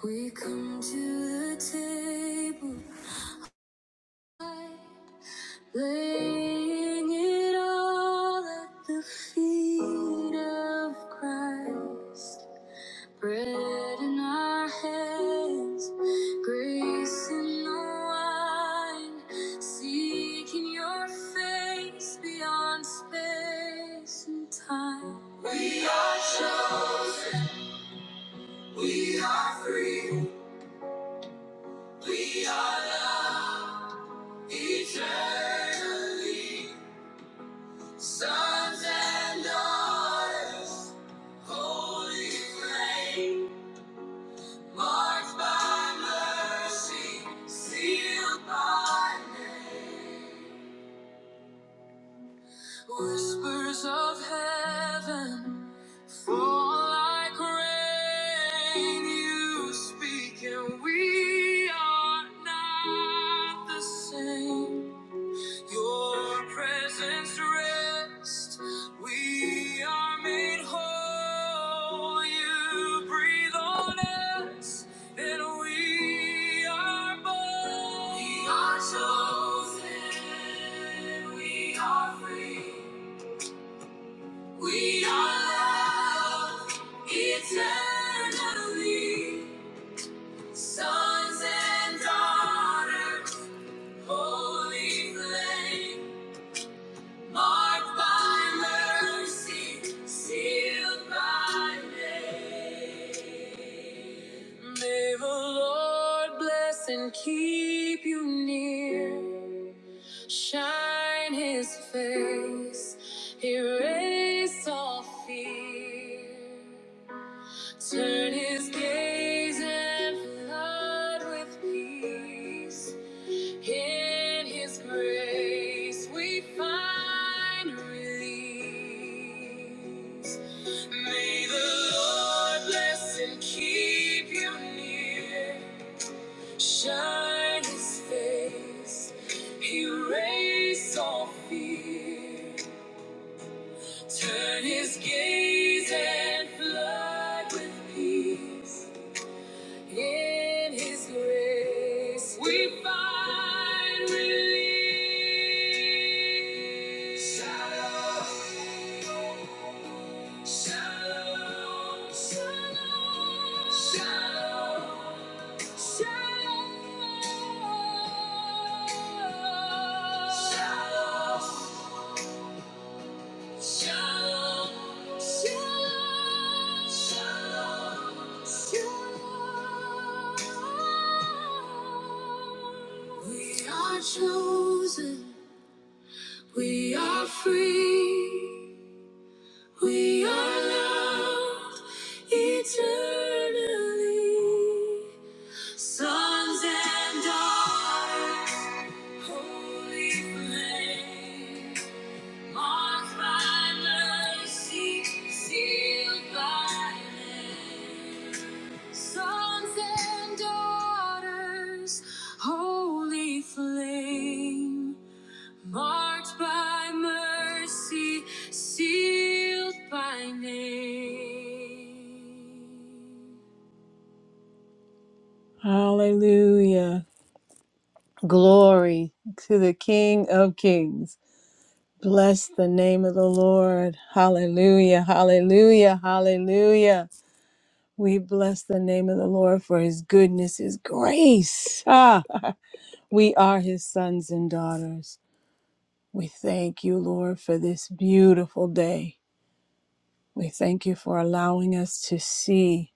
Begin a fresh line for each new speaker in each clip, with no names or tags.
We come to the table, laying it all at the feet of Christ. Bread in our hands, grace in the wine, seeking your face beyond space and time. We are chosen, we are free, we are loved. Eternally, sons and daughters, holy flame, marked by mercy, sealed by name. Whispers of heaven fall like rain. You speak, and we are not the same. Your presence rest. We are made whole. You breathe on us, and we are born. We are chosen. We are free. We are loved eternally. Sons and daughters, holy flame. Marked by mercy, sealed by name. May the Lord bless and keep you near. Shine his face, erase all fear. Turn his gaze and flood with peace. In His grace we find release. May the Lord bless and keep you near. Shine His face, erase all fear. Turn His gaze and flood with peace. In His grace, we find relief. Shalom, shalom, shalom, shalom, shalom. Shalom. Shalom, shalom, shalom, shalom. We are chosen, we are free, we are loved eternally. Sons and daughters, holy flame. Marked by mercy, sealed by land. Sons and daughters, holy flame. Marked by mercy, sealed by name. Hallelujah. Glory to the King of Kings. Bless the name of the Lord. Hallelujah, hallelujah, hallelujah. We bless the name of the Lord for his goodness, his grace. Ah, we are his sons and daughters. We thank you, Lord, for this beautiful day. We thank you for allowing us to see,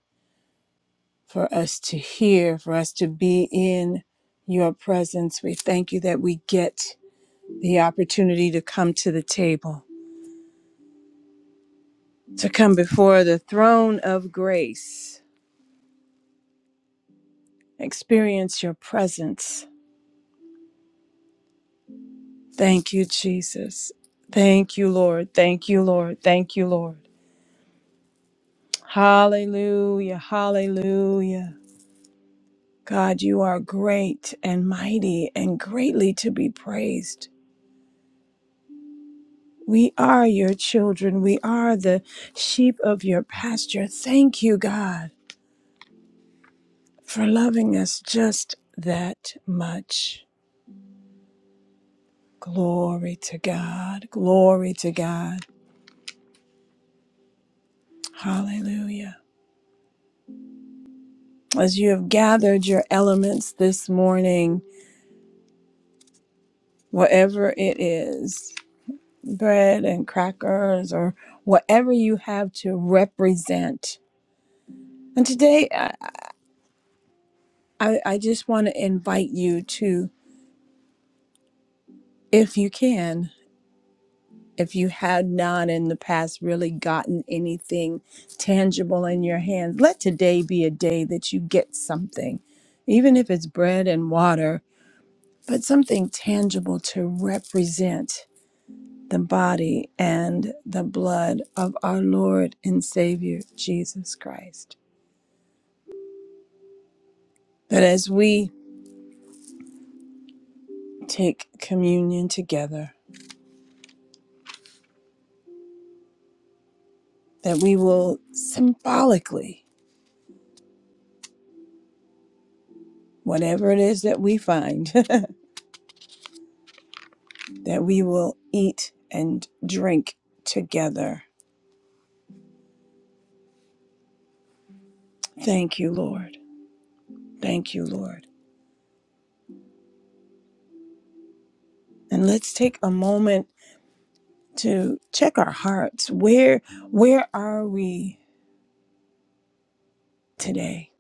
for us to hear, for us to be in your presence. We thank you that we get the opportunity to come to the table, to come before the throne of grace experience your presence. Thank you, Jesus. Thank you, Lord. Thank you, Lord. Thank you, Lord. Hallelujah. Hallelujah. God, you are great and mighty and greatly to be praised. We are your children. We are the sheep of your pasture. Thank you, God, for loving us just that much. Glory to God. Glory to God. Hallelujah. As you have gathered your elements this morning, whatever it is, bread and crackers or whatever you have to represent. And today, I, I, I just want to invite you to, if you can, if you had not in the past really gotten anything tangible in your hands, let today be a day that you get something, even if it's bread and water, but something tangible to represent the body and the blood of our Lord and Savior Jesus Christ. That as we take communion together, that we will symbolically, whatever it is that we find, that we will eat and drink together. Thank you, Lord. Thank you, Lord. And let's take a moment to check our hearts. Where where are we today?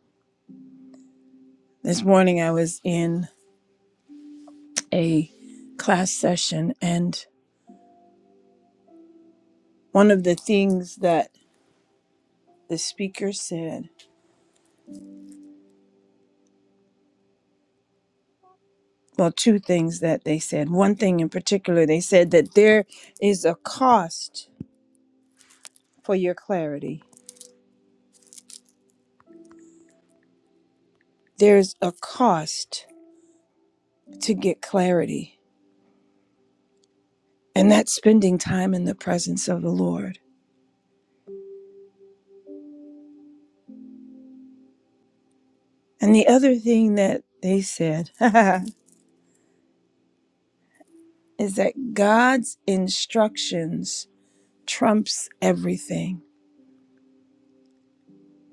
This morning I was in a class session. And one of the things that the speaker said, well, two things that they said. One thing in particular, they said that there is a cost for your clarity, there's a cost to get clarity, and that's spending time in the presence of the Lord. And the other thing that they said is that God's instructions trumps everything.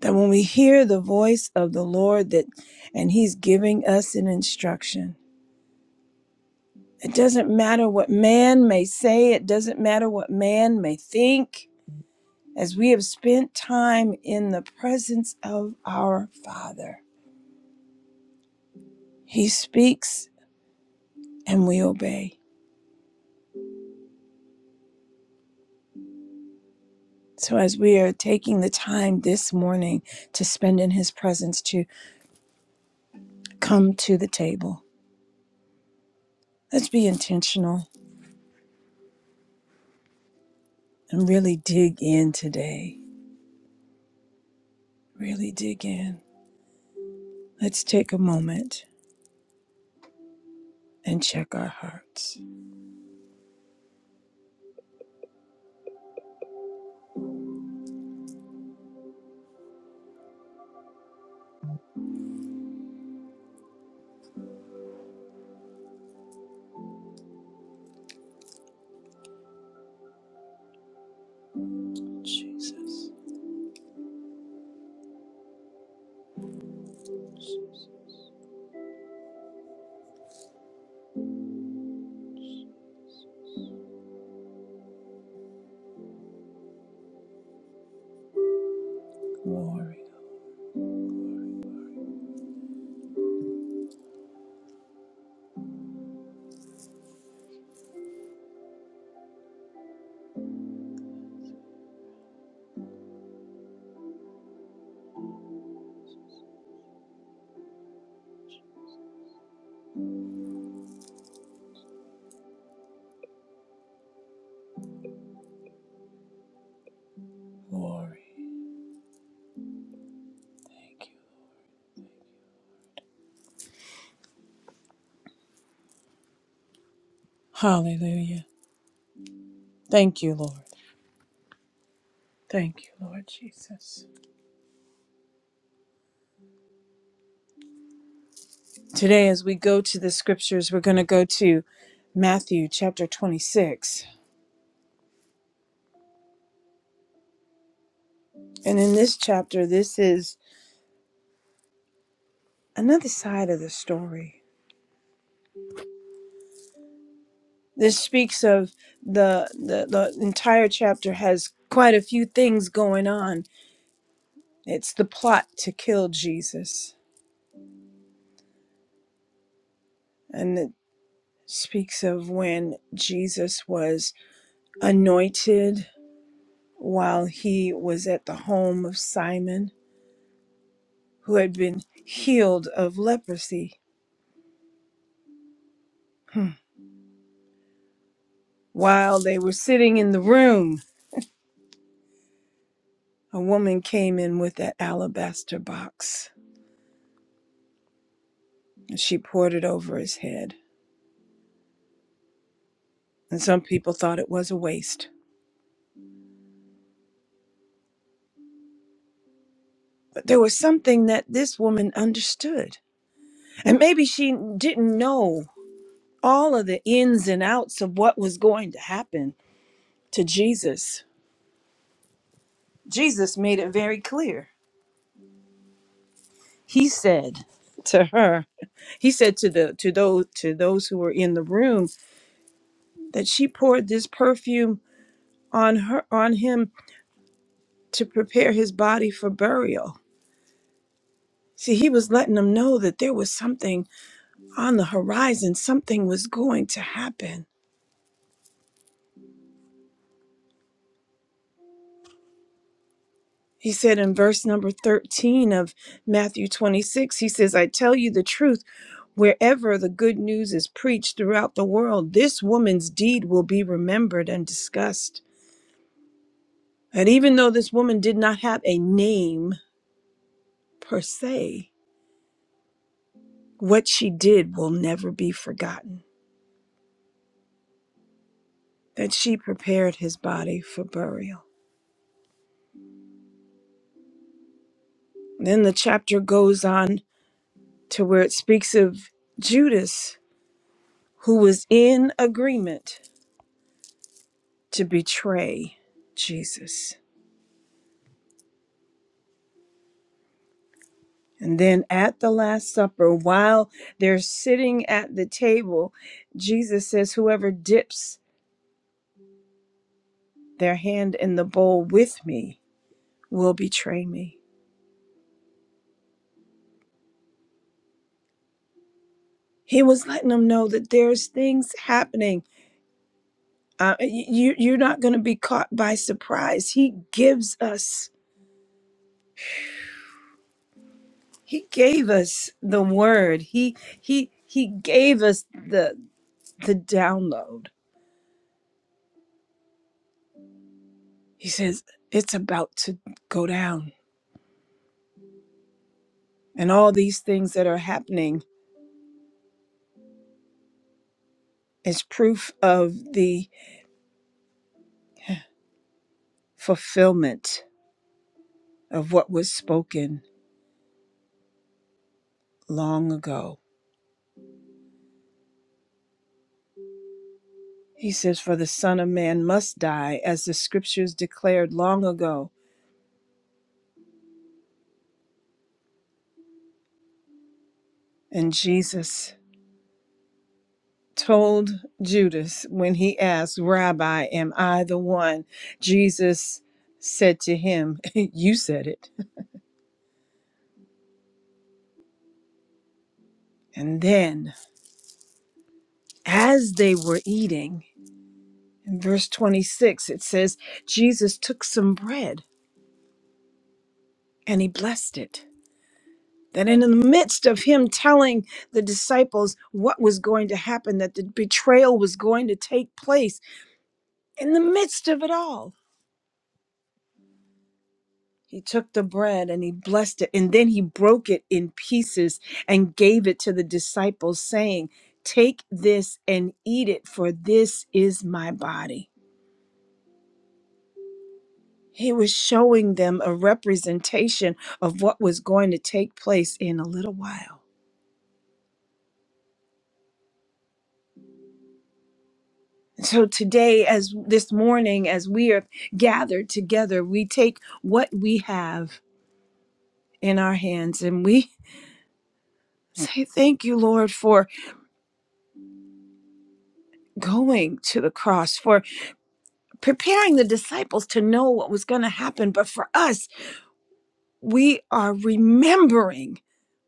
That when we hear the voice of the Lord that and he's giving us an instruction. It doesn't matter what man may say, it doesn't matter what man may think. As we have spent time in the presence of our Father, he speaks and we obey. So, as we are taking the time this morning to spend in his presence to come to the table, let's be intentional and really dig in today. Really dig in. Let's take a moment and check our hearts. Jesus. Glory. Thank you. Hallelujah. Thank you, Lord. Thank you, Lord Jesus. Today, as we go to the scriptures, we're going to go to Matthew chapter 26. And in this chapter, this is another side of the story. This speaks of the, the, the entire chapter has quite a few things going on. It's the plot to kill Jesus. and speaks of when Jesus was anointed while he was at the home of Simon, who had been healed of leprosy. Hmm. While they were sitting in the room, a woman came in with that alabaster box and she poured it over his head. And some people thought it was a waste. But there was something that this woman understood. And maybe she didn't know all of the ins and outs of what was going to happen to Jesus Jesus made it very clear. He said to her, he said to the to those to those who were in the room that she poured this perfume on her on him to prepare his body for burial. See, he was letting them know that there was something on the horizon, something was going to happen. He said in verse number 13 of Matthew 26, he says, I tell you the truth, wherever the good news is preached throughout the world, this woman's deed will be remembered and discussed. And even though this woman did not have a name per se, what she did will never be forgotten, that she prepared his body for burial. Then the chapter goes on to where it speaks of Judas, who was in agreement to betray Jesus. And then at the Last Supper, while they're sitting at the table, Jesus says, Whoever dips their hand in the bowl with me will betray me. He was letting them know that there's things happening. Uh, you, you're not going to be caught by surprise. He gives us, he gave us the word. He, he, he gave us the, the download. He says, it's about to go down And all these things that are happening is proof of the fulfillment of what was spoken long ago. He says, For the Son of Man must die, as the scriptures declared long ago. And Jesus told Judas when he asked, Rabbi, am I the one? Jesus said to him, You said it. And then, as they were eating, in verse 26, it says, Jesus took some bread and he blessed it. That in the midst of him telling the disciples what was going to happen, that the betrayal was going to take place, in the midst of it all, he took the bread and he blessed it, and then he broke it in pieces and gave it to the disciples, saying, Take this and eat it, for this is my body. He was showing them a representation of what was going to take place in a little while. So today, as this morning, as we are gathered together, we take what we have in our hands and we say, Thank you, Lord, for going to the cross, for preparing the disciples to know what was going to happen. But for us, we are remembering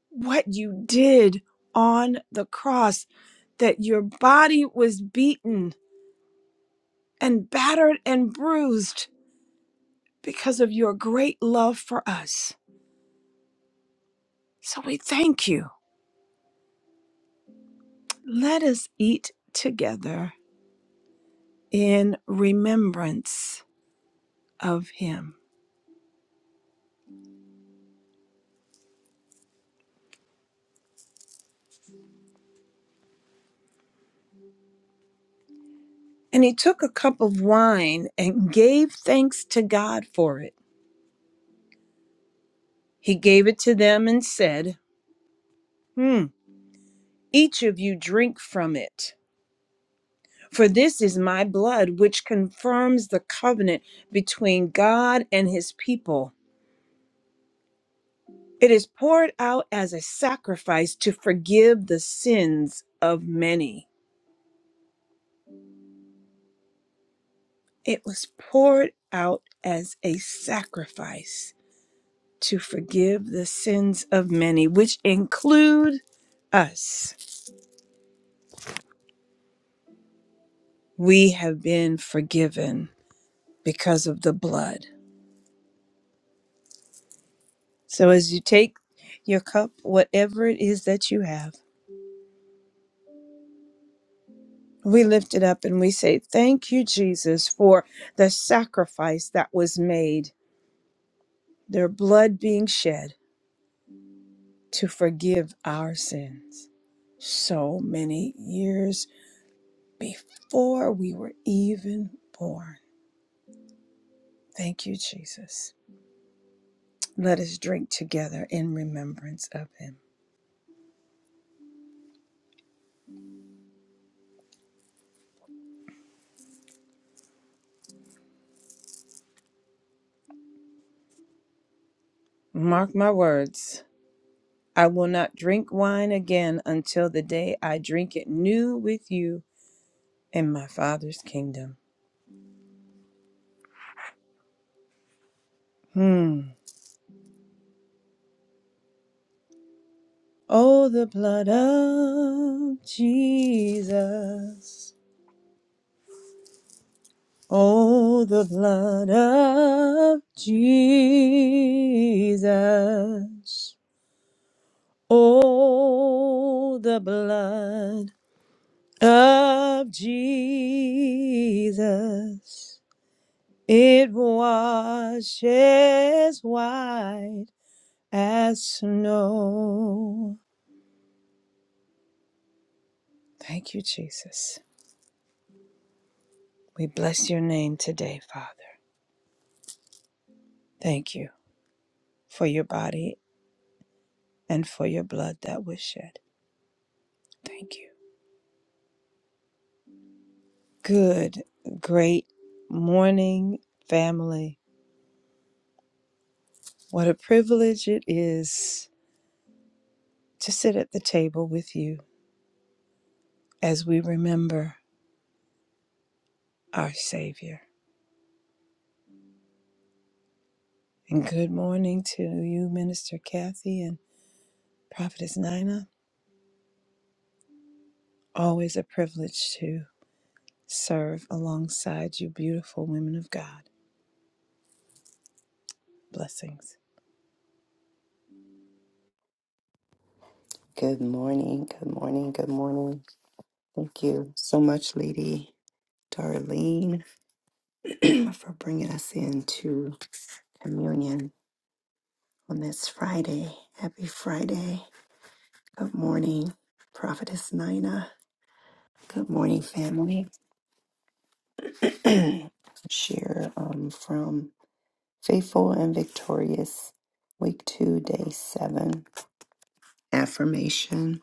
what you did on the cross, that your body was beaten and battered and bruised because of your great love for us. So we thank you. Let us eat together in remembrance of him. And he took a cup of wine and gave thanks to God for it. He gave it to them and said, hmm, Each of you drink from it, for this is my blood, which confirms the covenant between God and his people. It is poured out as a sacrifice to forgive the sins of many. It was poured out as a sacrifice to forgive the sins of many, which include us. We have been forgiven because of the blood. So as you take your cup, whatever it is that you have, we lift it up and we say, Thank you, Jesus, for the sacrifice that was made, their blood being shed to forgive our sins so many years before we were even born. Thank you, Jesus. Let us drink together in remembrance of him. Mark my words. I will not drink wine again until the day I drink it new with you in my Father's kingdom. Hmm. Oh, the blood of Jesus. Oh, the blood of Jesus. Oh, the blood of Jesus. It washes white as snow. Thank you, Jesus. We bless your name today, Father. Thank you for your body and for your blood that was shed. Thank you. Good, great morning, family. What a privilege it is to sit at the table with you as we remember our Savior. And good morning to you, Minister Kathy and Prophetess Nina. Always a privilege to serve alongside you, beautiful women of God. Blessings.
Good morning, good morning, good morning. Thank you so much, Lady Darlene, for bringing us into communion on this Friday. Happy Friday. Good morning, Prophetess Nina. Good morning, family. Share um, from Faithful and Victorious, Week 2, Day 7. Affirmation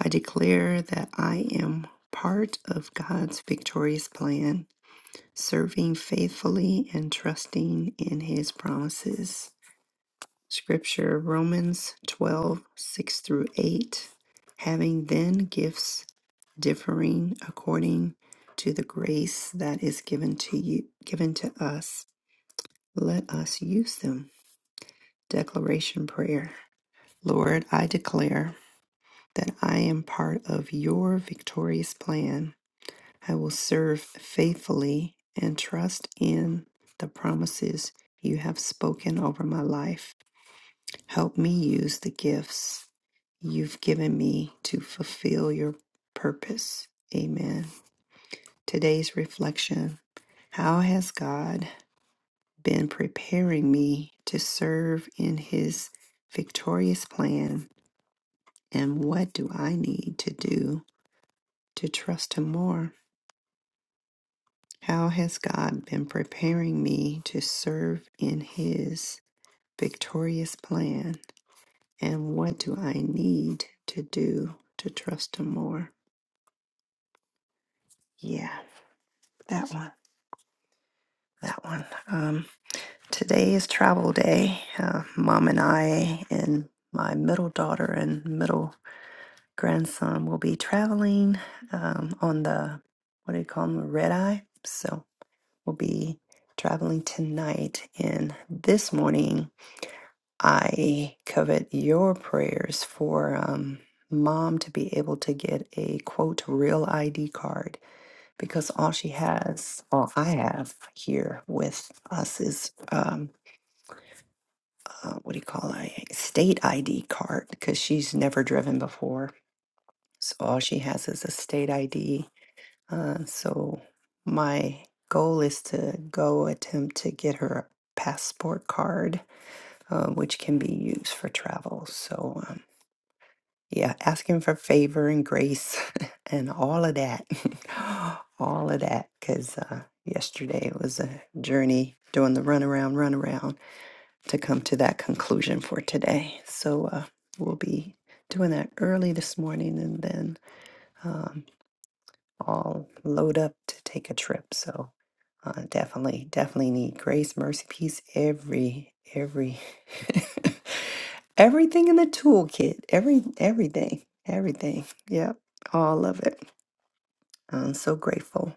I declare that I am part of God's victorious plan. serving faithfully and trusting in his promises. Scripture Romans 12:6 through 8. Having then gifts differing according to the grace that is given to you given to us let us use them declaration prayer lord i declare that i am part of your victorious plan I will serve faithfully and trust in the promises you have spoken over my life. Help me use the gifts you've given me to fulfill your purpose. Amen. Today's reflection How has God been preparing me to serve in his victorious plan? And what do I need to do to trust him more? How has God been preparing me to serve in His victorious plan? And what do I need to do to trust Him more? Yeah, that one. That one. Um, today is travel day. Uh, Mom and I and my middle daughter and middle grandson will be traveling um, on the, what do you call them, red eye? So we'll be traveling tonight. And this morning, I covet your prayers for um, mom to be able to get a quote real ID card because all she has, all I have here with us is um, uh, what do you call it? A state ID card because she's never driven before. So all she has is a state ID. Uh, so my goal is to go attempt to get her a passport card, uh, which can be used for travel. So Yeah, asking for favor and grace and all of that. all of that. Because uh, yesterday was a journey doing the runaround, runaround to come to that conclusion for today. So uh, we'll be doing that early this morning and then. um, all load up to take a trip. So uh, definitely, definitely need grace, mercy, peace, every, every, everything in the toolkit, every, everything, everything. Yep, all of it. I'm so grateful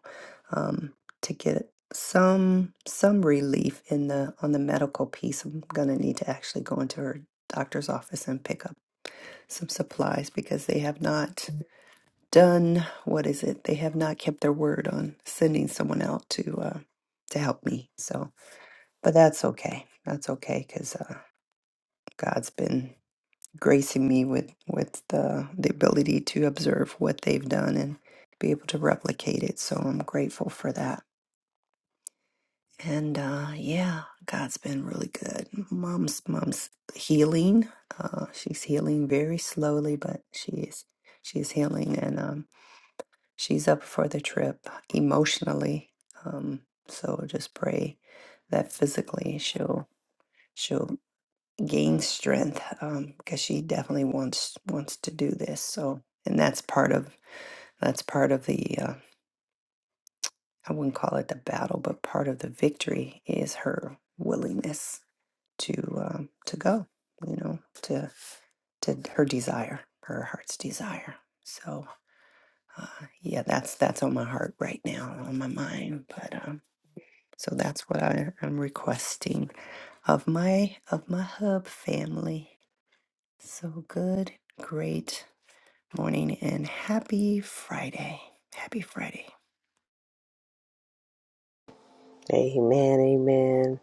um, to get some some relief in the on the medical piece. I'm gonna need to actually go into her doctor's office and pick up some supplies because they have not done what is it? They have not kept their word on sending someone out to uh, to help me. So, but that's okay. That's okay because uh, God's been gracing me with with the the ability to observe what they've done and be able to replicate it. So I'm grateful for that. And uh, yeah, God's been really good. Mom's mom's healing. Uh, she's healing very slowly, but she is she is healing. and um, she's up for the trip emotionally. Um, so just pray that physically she'll she'll gain strength um, because she definitely wants wants to do this. So and that's part of that's part of the uh, I wouldn't call it the battle, but part of the victory is her willingness to um, to go. You know, to to her desire, her heart's desire. So uh, yeah, that's that's on my heart right now, on my mind. But um, So that's what I am requesting of my of my hub family. So good, great morning and happy Friday. Happy Friday.
Amen, amen.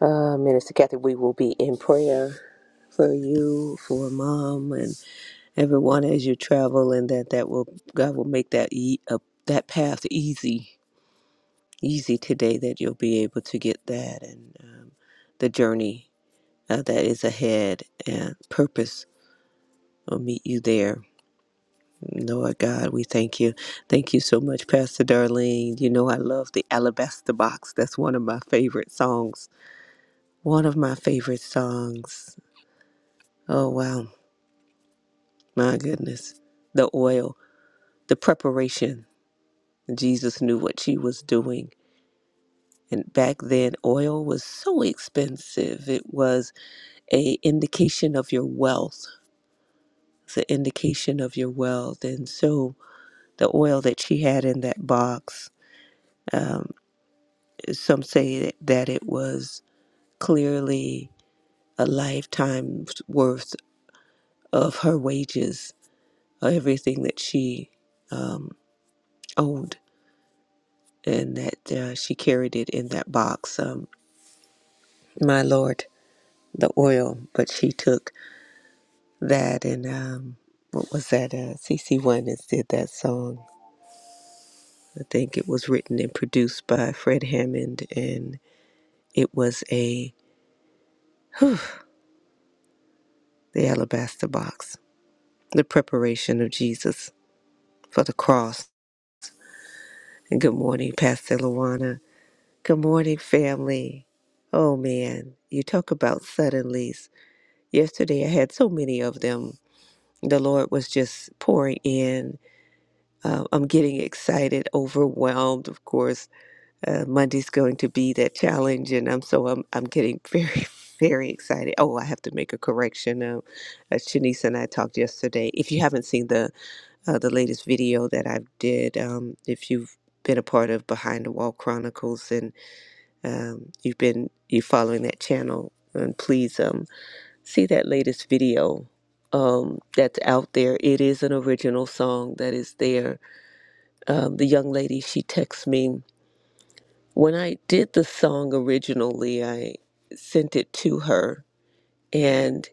Uh, Minister Kathy, we will be in prayer for you, for mom, and everyone as you travel, and that that will God will make that e- uh, that path easy, easy today. That you'll be able to get that and um, the journey uh, that is ahead and purpose will meet you there. Lord God, we thank you. Thank you so much, Pastor Darlene. You know I love the Alabaster Box. That's one of my favorite songs One of my favorite songs. Oh, wow. My goodness. The oil, the preparation. Jesus knew what she was doing. And back then, oil was so expensive. It was a indication of your wealth. It's an indication of your wealth. And so the oil that she had in that box, um, some say that it was clearly a lifetime's worth of her wages, everything that she um, owned and that uh, she carried it in that box. Um, my Lord, the oil, but she took that and um, what was that? Uh, CC Winans did that song. I think it was written and produced by Fred Hammond, and it was a the alabaster box, the preparation of Jesus for the cross. And good morning, Pastor Luana. Good morning, family. Oh man, you talk about suddenlies. Yesterday I had so many of them the Lord was just pouring in. Uh, I'm getting excited, overwhelmed. Of course, uh, Monday's going to be that challenge, and I'm so I'm I'm getting very very excited. Oh, I have to make a correction. Um, uh, Shanice and I talked yesterday. If you haven't seen the uh, the latest video that I did, um, if you've been a part of Behind the Wall Chronicles and um, you've been you following that channel, and please. Um, see that latest video um, that's out there. It is an original song that is there. Um, the young lady, she texts me. When I did the song originally, I sent it to her, and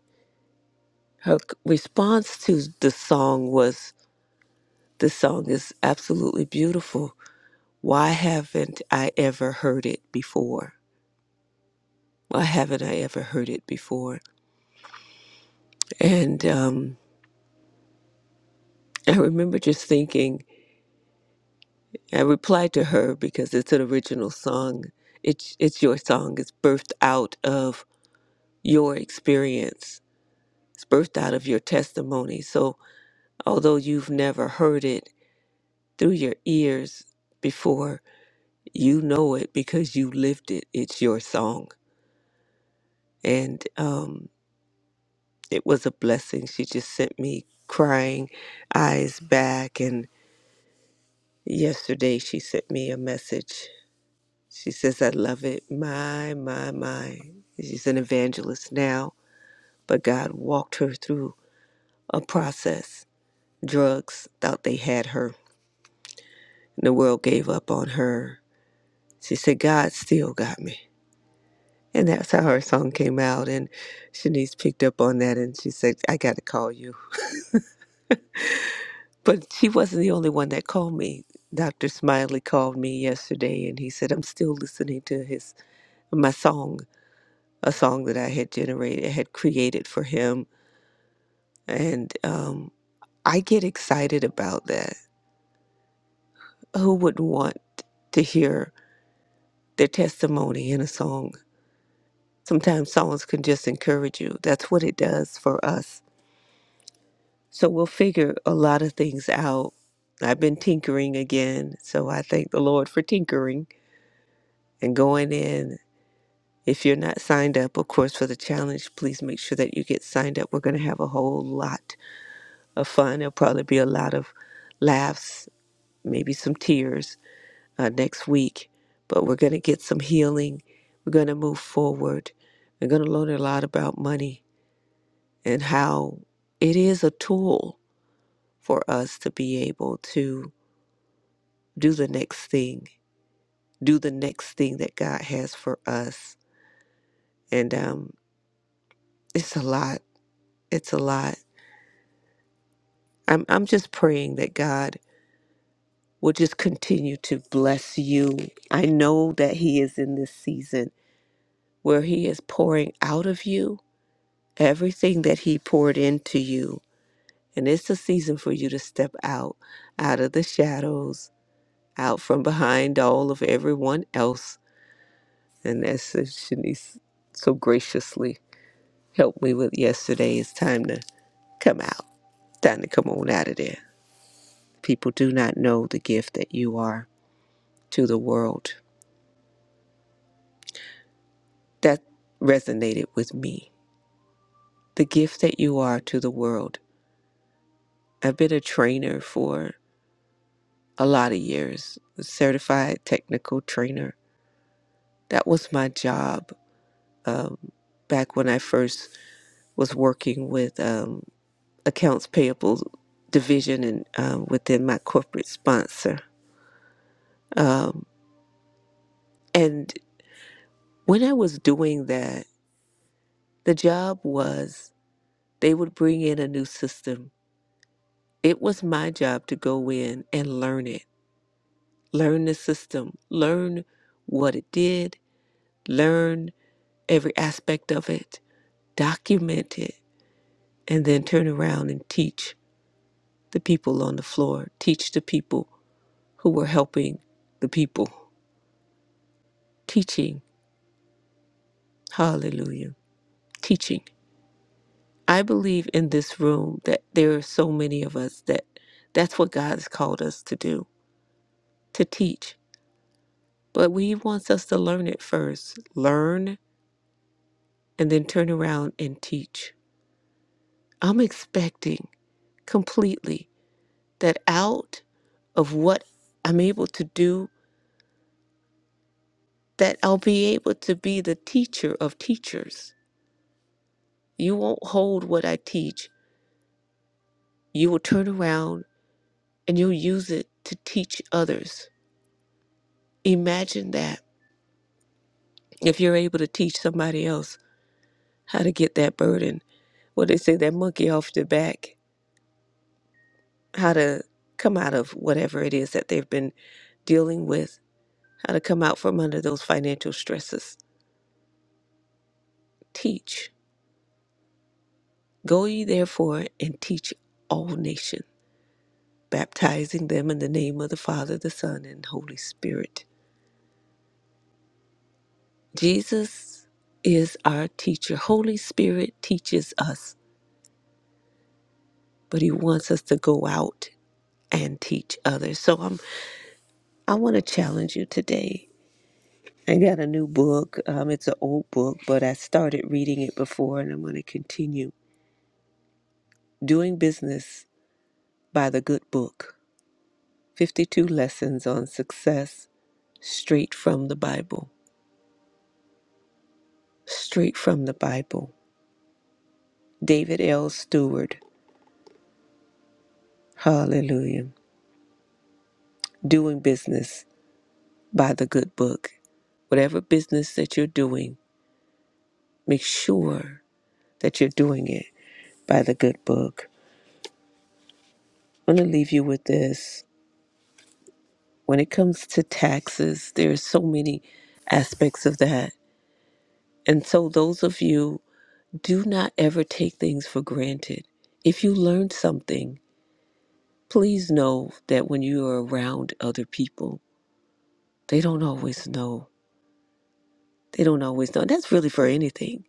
her c- response to the song was, This song is absolutely beautiful. Why haven't I ever heard it before? Why haven't I ever heard it before? And um, I remember just thinking, I replied to her because it's an original song. It's it's your song. It's birthed out of your experience. It's birthed out of your testimony. So although you've never heard it through your ears before, you know it because you lived it. It's your song, and um, it was a blessing. She just sent me crying, eyes back, and yesterday she sent me a message She says, I love it. My, my, my. She's an evangelist now, but God walked her through a process. Drugs thought they had her, and the world gave up on her. She said, God still got me. And that's how her song came out. And Shanice picked up on that and she said, I got to call you. But she wasn't the only one that called me. Dr. Smiley called me yesterday and he said, I'm still listening to his my song, a song that I had generated, had created for him And um, I get excited about that. Who wouldn't want to hear their testimony in a song? Sometimes songs can just encourage you. That's what it does for us. So we'll figure a lot of things out. I've been tinkering again. So I thank the Lord for tinkering and going in. If you're not signed up, of course, for the challenge, please make sure that you get signed up. We're going to have a whole lot of fun. There'll probably be a lot of laughs, maybe some tears uh, next week, but we're going to get some healing. We're going to move forward. We're going to learn a lot about money and how it is a tool for us to be able to do the next thing, do the next thing that God has for us. And um, it's a lot. It's a lot. I'm, I'm just praying that God will just continue to bless you. I know that He is in this season where He is pouring out of you everything that he poured into you and it's a season for you to step out out of the shadows out from behind all of everyone else and as shanice so graciously helped me with yesterday it's time to come out time to come on out of there people do not know the gift that you are to the world that resonated with me the gift that you are to the world i've been a trainer for a lot of years a certified technical trainer That was my job um, back when I first was working with um, accounts payable division and um, within my corporate sponsor. Um, and when I was doing that, the job was they would bring in a new system. It was my job to go in and learn it, learn the system, learn what it did, learn every aspect of it, document it, and then turn around and teach. the people on the floor, teach the people who were helping the people. Teaching, hallelujah, teaching. I believe in this room that there are so many of us that that's what God has called us to do, to teach. But He wants us to learn it first, learn and then turn around and teach. I'm expecting completely that out of what I'm able to do, that I'll be able to be the teacher of teachers You won't hold what I teach. You will turn around and you'll use it to teach others. Imagine that if you're able to teach somebody else how to get that burden, well, they say that monkey off their back, how to come out of whatever it is that they've been dealing with, how to come out from under those financial stresses. Teach. Go ye therefore and teach all nations, baptizing them in the name of the Father, the Son, and Holy Spirit Jesus is our teacher. Holy Spirit teaches us, but he wants us to go out and teach others. So I'm I want to challenge you today. I got a new book. Um, it's an old book, but I started reading it before and I'm going to continue. Doing Business by the Good Book 52 Lessons on Success, straight from the Bible. Straight from the Bible. David L. Stewart. Hallelujah. Doing Business by the Good Book. Whatever business that you're doing, make sure that you're doing it by the good book. I'm going to leave you with this. When it comes to taxes, there are so many aspects of that. And so, those of you, do not ever take things for granted. If you learn something, please know that when you are around other people, they don't always know. They don't always know. That's really for anything.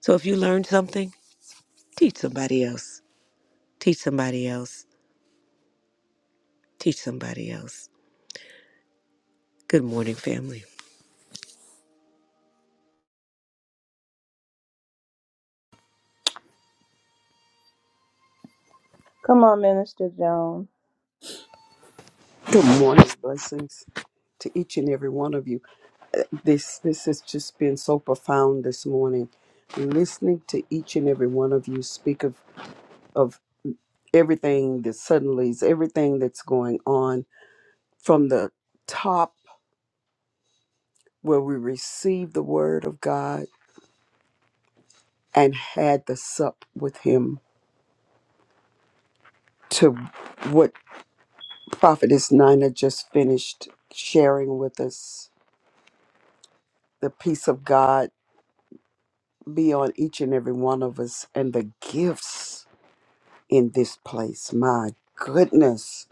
So, if you learn something, teach somebody else. Teach somebody else. Teach somebody else. Good morning, family.
Come on, Minister Joan.
Good morning, blessings to each and every one of you. Uh, This this has just been so profound this morning. Listening to each and every one of you speak of of everything that suddenly is everything that's going on from the top where we received the word of God and had the sup with Him to what Prophetess Nina just finished sharing with us. The peace of God be on each and every one of us and the gifts in this place. My goodness,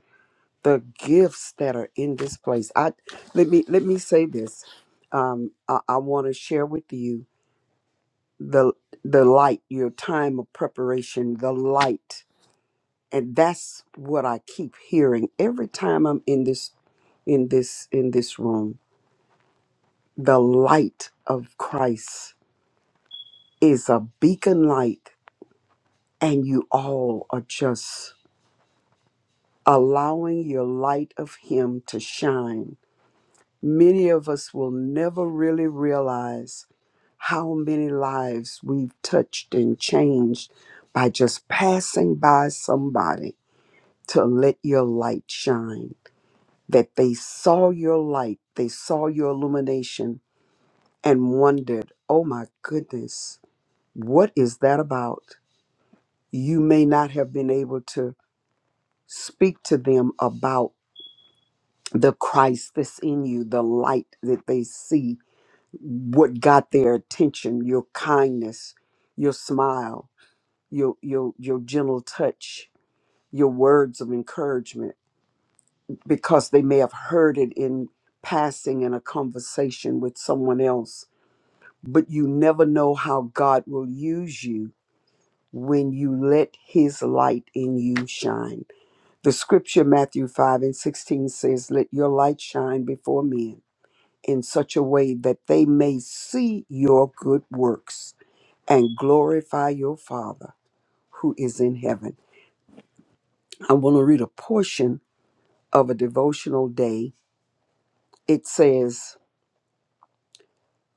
the gifts that are in this place. I let me let me say this. Um, I, I want to share with you the the light, your time of preparation, the light, and that's what I keep hearing every time I'm in this in this in this room. The light of Christ is a beacon light, and you all are just allowing your light of Him to shine. Many of us will never really realize how many lives we've touched and changed by just passing by somebody to let your light shine. That they saw your light, they saw your illumination, and wondered, oh my goodness, what is that about? You may not have been able to speak to them about the Christ that's in you, the light that they see, what got their attention, your kindness, your smile, your your your gentle touch, your words of encouragement, because they may have heard it in passing in a conversation with someone else. But you never know how God will use you when you let his light in you shine. The scripture Matthew 5 and 16 says, Let your light shine before men in such a way that they may see your good works and glorify your Father who is in heaven. I want to read a portion of a devotional day. It says,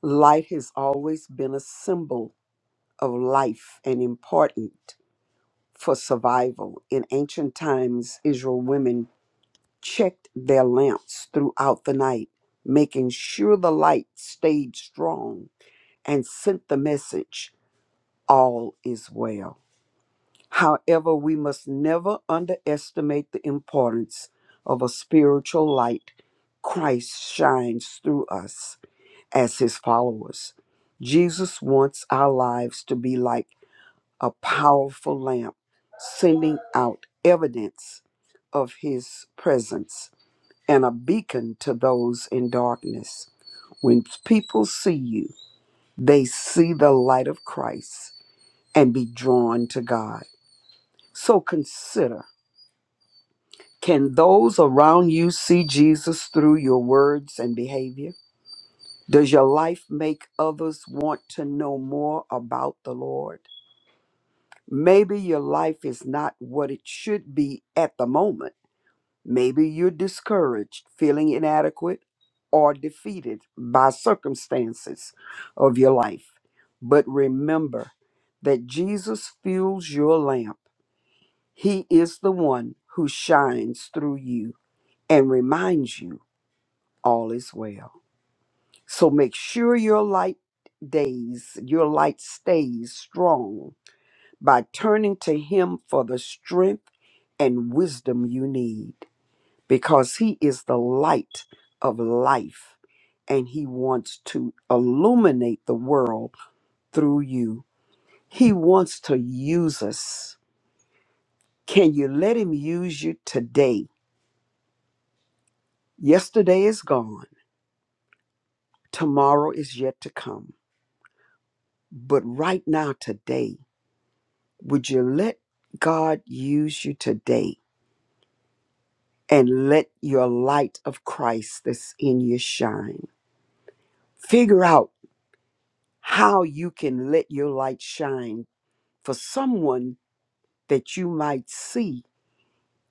Light has always been a symbol of life and important for survival. In ancient times, Israel women checked their lamps throughout the night, making sure the light stayed strong and sent the message, All is well. However, we must never underestimate the importance of a spiritual light. Christ shines through us as his followers. Jesus wants our lives to be like a powerful lamp, sending out evidence of his presence and a beacon to those in darkness. When people see you, they see the light of Christ and be drawn to God. So consider Can those around you see Jesus through your words and behavior? Does your life make others want to know more about the Lord? Maybe your life is not what it should be at the moment. Maybe you're discouraged, feeling inadequate, or defeated by circumstances of your life. But remember that Jesus fuels your lamp. He is the one who shines through you and reminds you all is well. So make sure your light days, your light stays strong by turning to Him for the strength and wisdom you need because He is the light of life and He wants to illuminate the world through you. He wants to use us. Can you let Him use you today? Yesterday is gone, tomorrow is yet to come, but right now, today, Would you let God use you today and let your light of Christ that's in you shine? Figure out how you can let your light shine for someone that you might see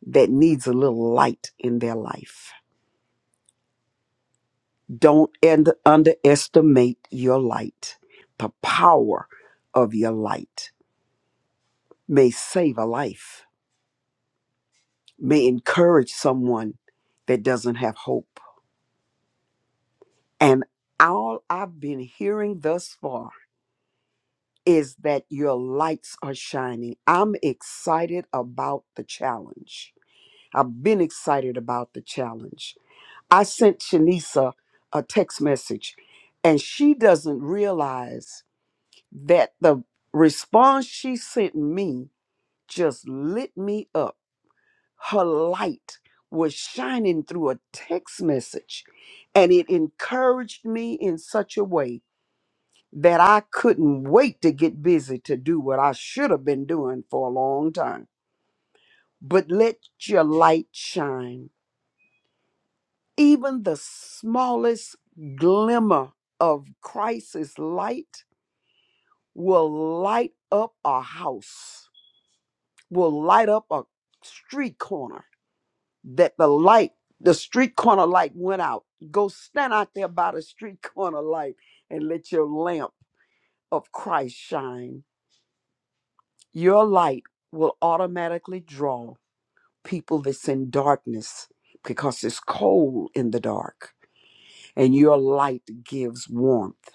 that needs a little light in their life. Don't end, underestimate your light. The power of your light may save a life, may encourage someone that doesn't have hope And all I've been hearing thus far is that your lights are shining. I'm excited about the challenge. I've been excited about the challenge. I sent Shanisa a text message, and she doesn't realize that the response she sent me just lit me up. Her light was shining through a text message, and it encouraged me in such a way that I couldn't wait to get busy to do what I should have been doing for a long time. But let your light shine. Even the smallest glimmer of Christ's light will light up a house, will light up a street corner. That the light, the street corner light went out. Go stand out there by the street corner light and let your lamp of Christ shine Your light will automatically draw people that's in darkness because it's cold in the dark, and your light gives warmth.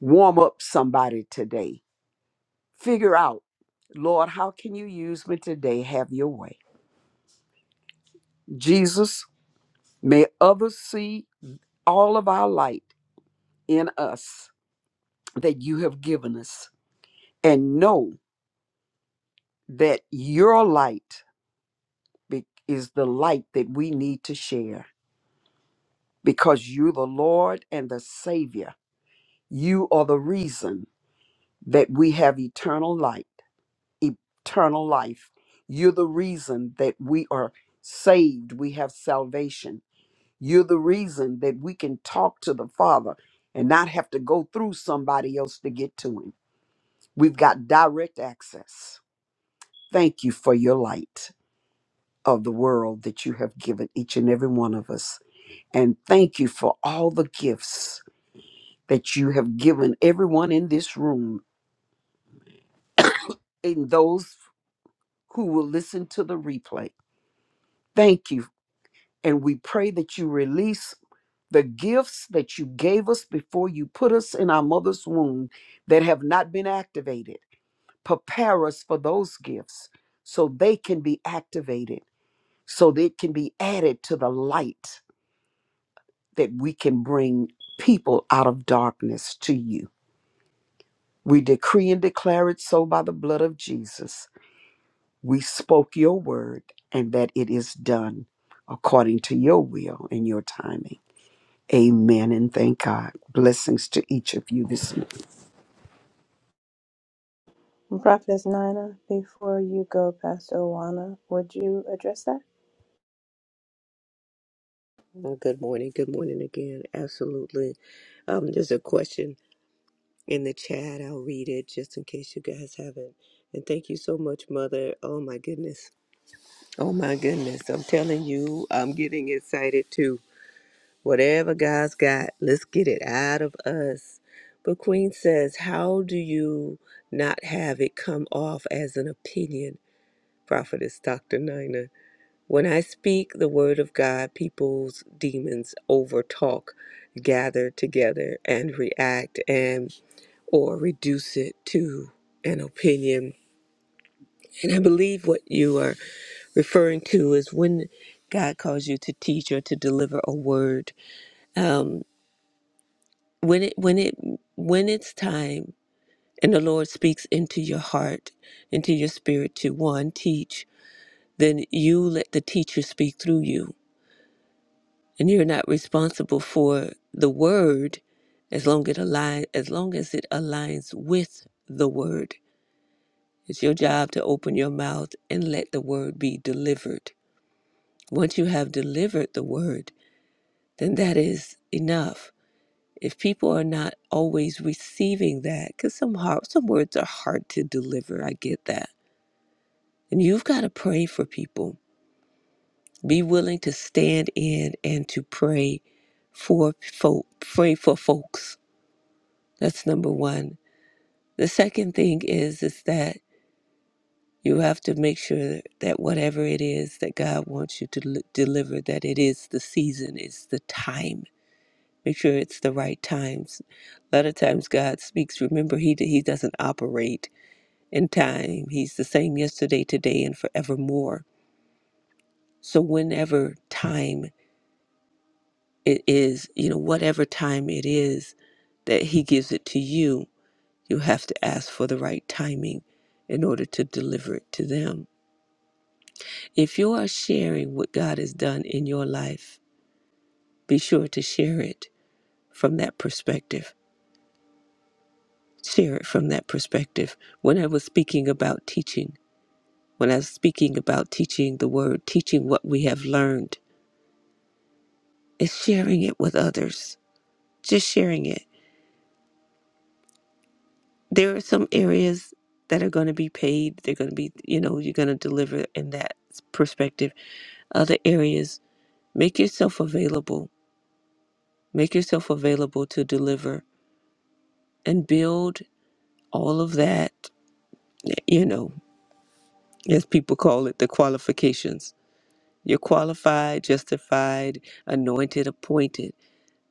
Warm up somebody today. Figure out, Lord, how can you use me today? Have your way. Jesus, may others see all of our light in us that you have given us and know that your light be- is the light that we need to share because you're the Lord and the Savior. You are the reason that we have eternal light, eternal life. You're the reason that we are saved, we have salvation. You're the reason that we can talk to the Father and not have to go through somebody else to get to Him. We've got direct access. Thank you for your light of the world that you have given each and every one of us. And thank you for all the gifts that you have given everyone in this room and those who will listen to the replay. Thank you. And we pray that you release the gifts that you gave us before you put us in our mother's womb that have not been activated. Prepare us for those gifts so they can be activated, so they can be added to the light that we can bring people out of darkness to you. We decree and declare it so by the blood of Jesus. We spoke your word and that it is done according to your will and your timing. Amen and thank God. Blessings to each of you this morning.
And Prophetess Nina, before you go, Pastor Owana, would you address that?
Well, Good morning. Good morning again. Absolutely. Um, there's a question in the chat. I'll read it just in case you guys haven't. And thank you so much, Mother. Oh my goodness. Oh my goodness. I'm telling you, I'm getting excited too. Whatever God's got, let's get it out of us. But Queen says, How do you not have it come off as an opinion, Prophetess Dr. Nina? When I speak the word of God, people's demons overtalk, gather together and react and or reduce it to an opinion. And I believe what you are referring to is when God calls you to teach or to deliver a word. Um, when it when it when it's time and the Lord speaks into your heart, into your spirit to one teach, then you let the teacher speak through you and you're not responsible for the word as long it align as long as it aligns with the word it's your job to open your mouth and let the word be delivered once you have delivered the word then that is enough if people are not always receiving that because some hard, some words are hard to deliver i get that and you've got to pray for people be willing to stand in and to pray for folk pray for folks That's number one. The second thing is is that you have to make sure that whatever it is that God wants you to l- deliver, that it is the season, it's the time. Make sure it's the right times. A lot of times God speaks. Remember, He d- He doesn't operate in time. He's the same yesterday, today, and forevermore. So whenever time it is, you know, whatever time it is that He gives it to you, You have to ask for the right timing in order to deliver it to them. If you are sharing what God has done in your life, be sure to share it from that perspective. Share it from that perspective. When I was speaking about teaching, when I was speaking about teaching the word, teaching what we have learned, is sharing it with others. Just sharing it. There are some areas that are going to be paid. They're going to be, you know, you're going to deliver in that perspective. Other areas Make yourself available. Make yourself available to deliver and build all of that, you know, as people call it, the qualifications. You're qualified, justified, anointed, appointed.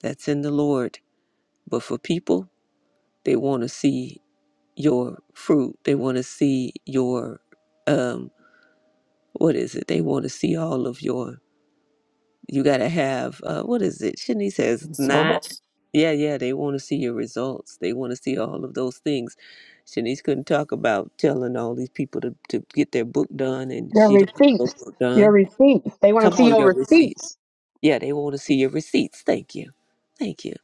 That's in the Lord. But for people, they want to see your fruit. They want to see your, um, what is it? They want to see all of your You gotta have uh, what is it? Shanice says
And So
nine. Yeah, yeah. They want to see your results. They want to see all of those things. Shanice couldn't talk about telling all these people to, to get their book done, and
Your
she don't have a
receipts.
book
Your
done.
receipts. They want to
Come
see
on,
your
your receipts.
receipts.
Yeah, they want to see your receipts. Thank you, thank you.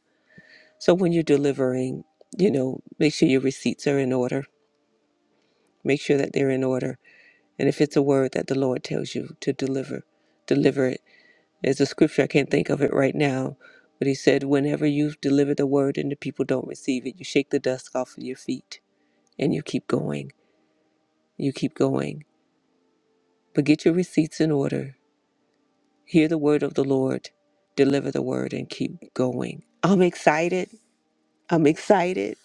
So when you're delivering, you know, make sure your receipts are in order. Make sure that they're in order. And if it's a word that the Lord tells you to deliver, deliver it There's a scripture, I can't think of it right now, but he said, Whenever you deliver the word and the people don't receive it, you shake the dust off of your feet and you keep going. You keep going. But get your receipts in order. Hear the word of the Lord, deliver the word, and keep going. I'm excited. I'm excited.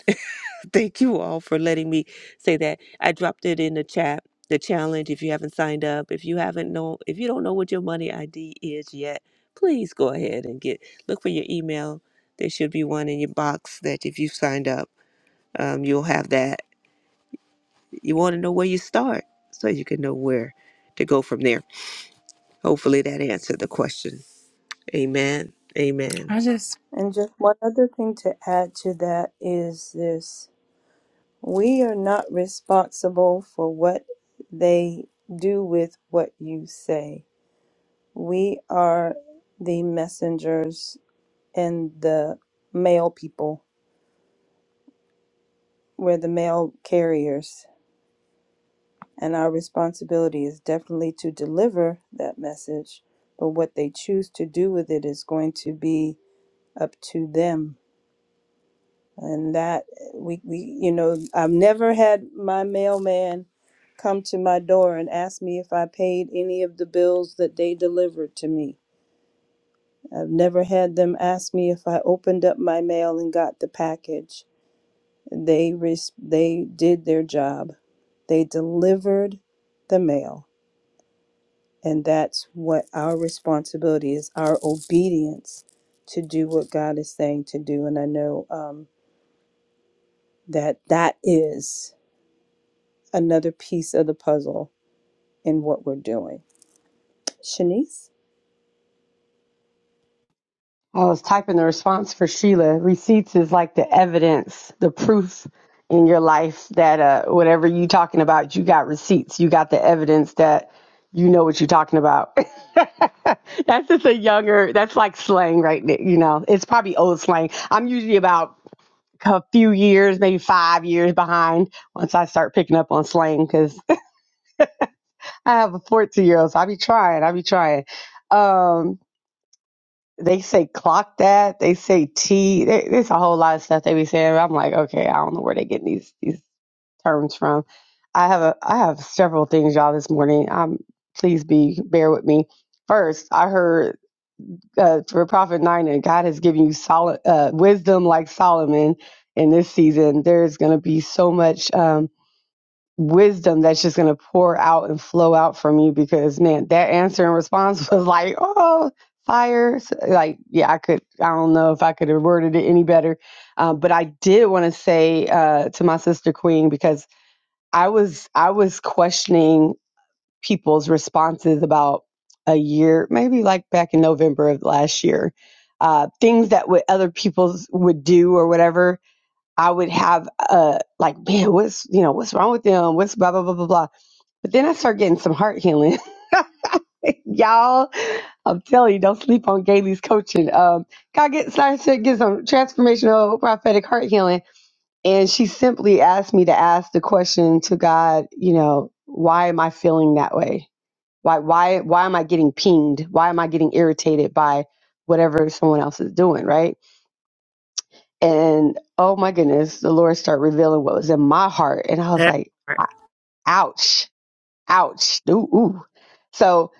Thank you all for letting me say that. I dropped it in the chat, the challenge. If you haven't signed up, if you haven't know, if you don't know what your money ID is yet, please go ahead and get look for your email. There should be one in your box that if you've signed up, um, you'll have that. You want to know where you start so you can know where to go from there. Hopefully that answered the question. Amen. Amen.
I just,
And just one other thing to add to that is this. We are not responsible for what they do with what you say. We are the messengers and the mail people. We're the mail carriers, and our responsibility is definitely to deliver that message. But what they choose to do with it is going to be up to them. and that we, we you know i've never had my mailman come to my door and ask me if i paid any of the bills that they delivered to me i've never had them ask me if i opened up my mail and got the package they res- they did their job they delivered the mail and that's what our responsibility is our obedience to do what god is saying to do and i know um, that that is another piece of the puzzle in what we're doing. Shanice?
I was typing the response for Sheila. Receipts is like the evidence, the proof in your life that uh, whatever you talking about, you got receipts. You got the evidence that you know what you're talking about. that's just a younger, that's like slang right there. You know, it's probably old slang. I'm usually about a few years, maybe five years behind once I start picking up on slang because. I have a 14 year old, so I be trying. I be trying. Um, they say clock that. They say T. They, there's a whole lot of stuff they be saying. I'm like, okay, I don't know where they getting these these terms from. I have a I have several things, y'all, this morning. Um, please be bear with me. First, I heard uh, for Prophet Nine that God has given you solid uh, wisdom like Solomon in this season. There's gonna be so much. Um wisdom that's just going to pour out and flow out from you because man that answer and response was like oh fire So, like yeah i could i don't know if i could have worded it any better um, but i did want to say uh, to my sister queen because i was i was questioning people's responses about a year maybe like back in november of last year uh, things that what other people would do or whatever i would have uh, like man what's you know what's wrong with them what's blah blah blah blah blah but then I start getting some heart healing. Y'all, I'm telling you, don't sleep on Gailey's coaching. Um, God get started to get some transformational prophetic heart healing. And she simply asked me to ask the question to God, you know, why am I feeling that way? Why why why am I getting pinged? Why am I getting irritated by whatever someone else is doing, right? And oh my goodness, the Lord started revealing what was in my heart. And I was
That
like,
part.
ouch, ouch, ooh, ooh. So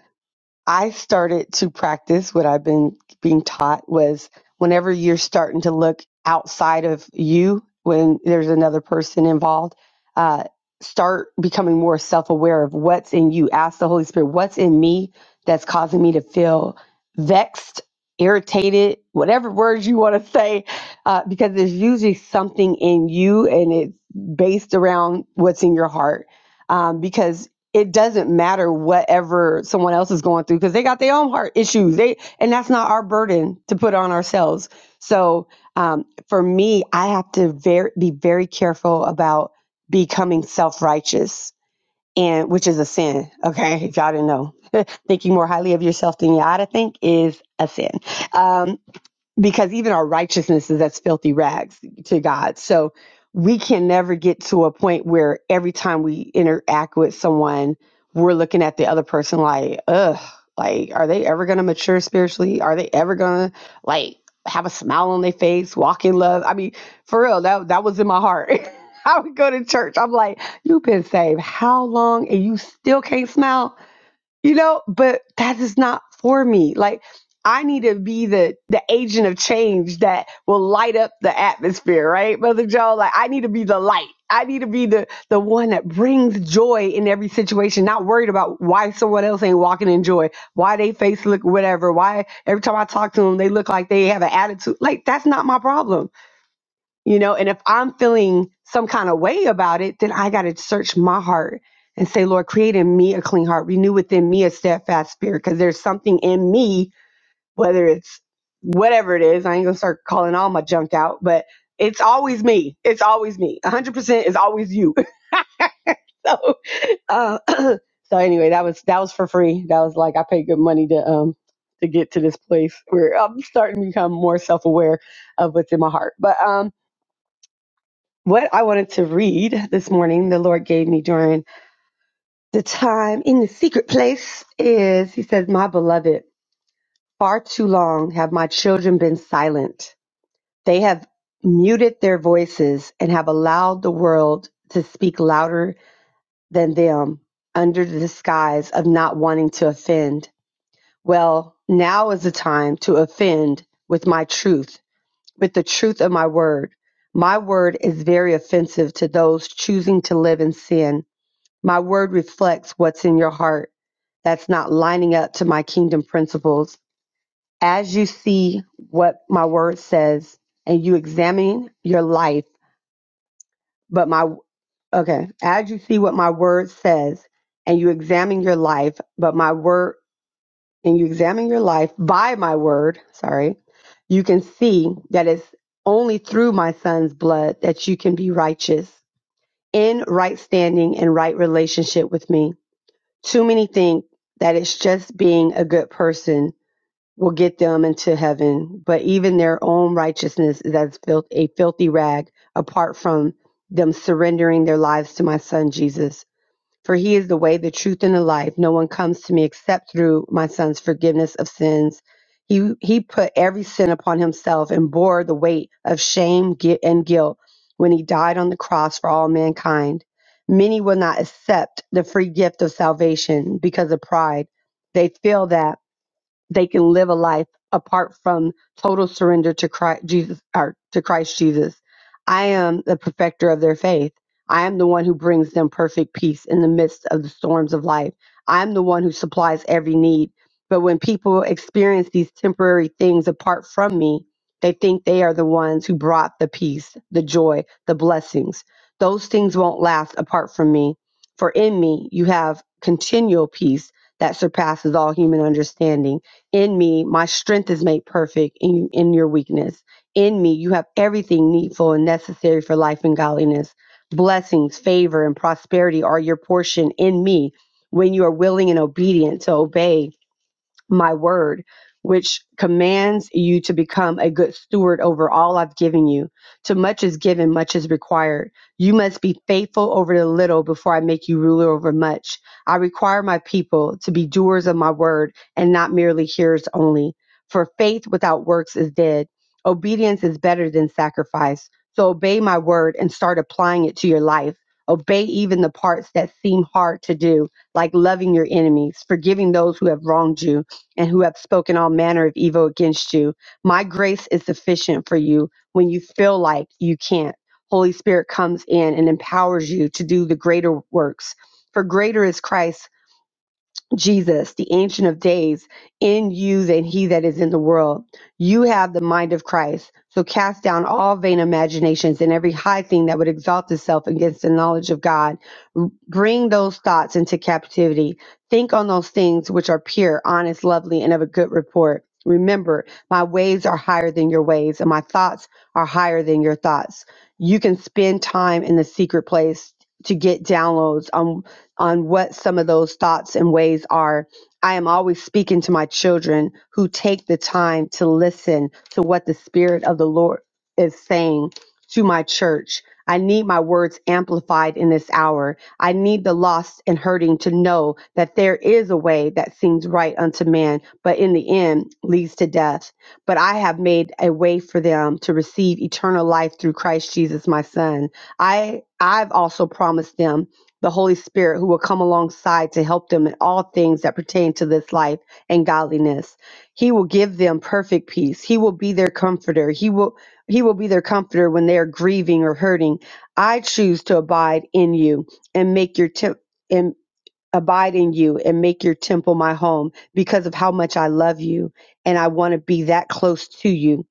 I started to practice what I've been being taught was whenever you're starting to look outside of you, when there's another person involved, uh, start becoming more self aware of what's in you. Ask the Holy Spirit, what's in me that's causing me to feel vexed, irritated, whatever words you want to say, uh, because there's usually something in you and it's based around what's in your heart. Um, because it doesn't matter whatever someone else is going through because they got their own heart issues. They and that's not our burden to put on ourselves. So um, for me, I have to very be very careful about becoming self righteous, and which is a sin. Okay, if y'all didn't know, thinking more highly of yourself than you ought to think is a sin. Um, because even our righteousness is as filthy rags to God. So we can never get to a point where every time we interact with someone, we're looking at the other person like, ugh, like, are they ever going to mature spiritually? Are they ever going to like have a smile on their face, walk in love? I mean, for real, that, that was in my heart. I would go to church. I'm like, you've been saved how long and you still can't smile? you know but that is not for me like i need to be the the agent of change that will light up the atmosphere right brother joe like i need to be the light i need to be the the one that brings joy in every situation not worried about why someone else ain't walking in joy why they face look whatever why every time i talk to them they look like they have an attitude like that's not my problem you know and if i'm feeling some kind of way about it then i got to search my heart and say lord create in me a clean heart renew within me a steadfast spirit because there's something in me whether it's whatever it is i ain't gonna start calling all my junk out but it's always me it's always me 100% is always you so uh, so anyway that was that was for free that was like i paid good money to um to get to this place where i'm starting to become more self-aware of what's in my heart but um what I wanted to read this morning, the Lord gave me during the time in the secret place is He says, My beloved, far too long have my children been silent. They have muted their voices and have allowed the world to speak louder than them under the disguise of not wanting to offend. Well, now is the time to offend with my truth, with the truth of my word. My word is very offensive to those choosing to live in sin My word reflects what's in your heart that's not lining up to my kingdom principles. As you see what my word says and you examine your life, but my, okay, as you see what my word says and you examine your life, but my word, and you examine your life by my word, sorry, you can see that it's only through my son's blood that you can be righteous in right standing and right relationship with me. Too many think that it's just being a good person will get them into heaven, but even their own righteousness is as filth, a filthy rag apart from them surrendering their lives to my son Jesus. For he is the way, the truth, and the life. No one comes to me except through my son's forgiveness of sins. He, he put every sin upon himself and bore the weight of shame gui- and guilt when he died on the cross for all mankind. Many will not accept the free gift of salvation because of pride. They feel that they can live a life apart from total surrender to Christ Jesus or to Christ Jesus. I am the perfecter of their faith. I am the one who brings them perfect peace in the midst of the storms of life. I'm the one who supplies every need. But when people experience these temporary things apart from me, they think they are the ones who brought the peace, the joy, the blessings. Those things won't last apart from me. For in me, you have continual peace that surpasses all human understanding. In me, my strength is made perfect in, in your weakness. In me, you have everything needful and necessary for life and godliness. Blessings, favor, and prosperity are your portion in me when you are willing and obedient to obey my word, which commands you to become a good steward over all I've given you. To much is given, much is required. You must be faithful over the little before I make you ruler over much. I require my people to be doers of my word and not merely hearers only. For faith without works is dead. Obedience is better than sacrifice. So obey my word and start applying it to your life. Obey even the parts that seem hard to do, like loving your enemies, forgiving those who have wronged you and who have spoken all manner of evil against you. My grace is sufficient for you when you feel like you can't. Holy Spirit comes in and empowers you to do the greater works. For greater is Christ Jesus, the Ancient of Days, in you than he that is in the world. You have the mind of Christ. So cast down all vain imaginations and every high thing that would exalt itself against the knowledge of God. R- Bring those thoughts into captivity. Think on those things which are pure, honest, lovely, and of a good report. Remember, my ways are higher than your ways, and my thoughts are higher than your thoughts. You can spend time in the secret place to get downloads on on what some of those thoughts and ways are. I am always speaking to my children who take the time to listen to what the Spirit of the Lord is saying to my church. I need my words amplified in this hour. I need the lost and hurting to know that there is a way that seems right unto man, but in the end leads to death. But I have made a way for them to receive eternal life through Christ Jesus, my Son. I I've also promised them the Holy Spirit who will come alongside to help them in all things that pertain to this life and godliness. He will give them perfect peace. He will be their comforter. He will he will be their comforter when they are grieving or hurting. I choose to abide in you and make your temp and abide in you and make your temple my home because of how much I love you and I want to be that close to you.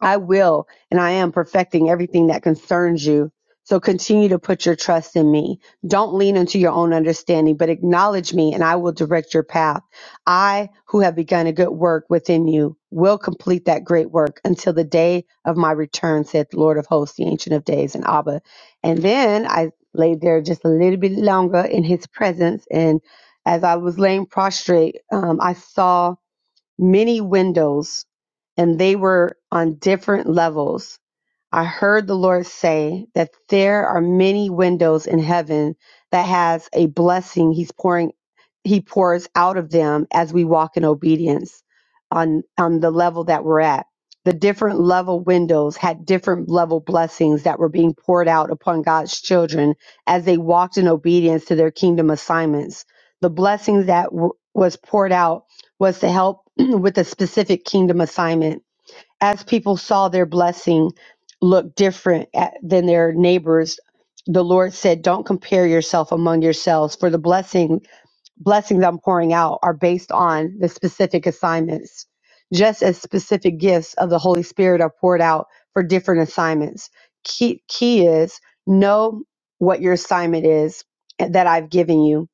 I will, and I am perfecting everything that concerns you. So continue to put your trust in me. Don't lean into your own understanding, but acknowledge me, and I will direct your path. I, who have begun a good work within you, will complete that great work until the day of my return, said the Lord of hosts, the Ancient of Days, and Abba. And then I laid there just a little bit longer in his presence. And as I was laying prostrate, um, I saw many windows, and they were on different levels. I heard the Lord say that there are many windows in heaven that has a blessing he's pouring he pours out of them as we walk in obedience on on the level that we're at. The different level windows had different level blessings that were being poured out upon God's children as they walked in obedience to their kingdom assignments. The blessings that w- was poured out was to help with a specific kingdom assignment as people saw their blessing look different at, than their neighbors the lord said don't compare yourself among yourselves for the blessing blessings i'm pouring out are based on the specific assignments just as specific gifts of the holy spirit are poured out for different assignments key, key is know what your assignment is that i've given you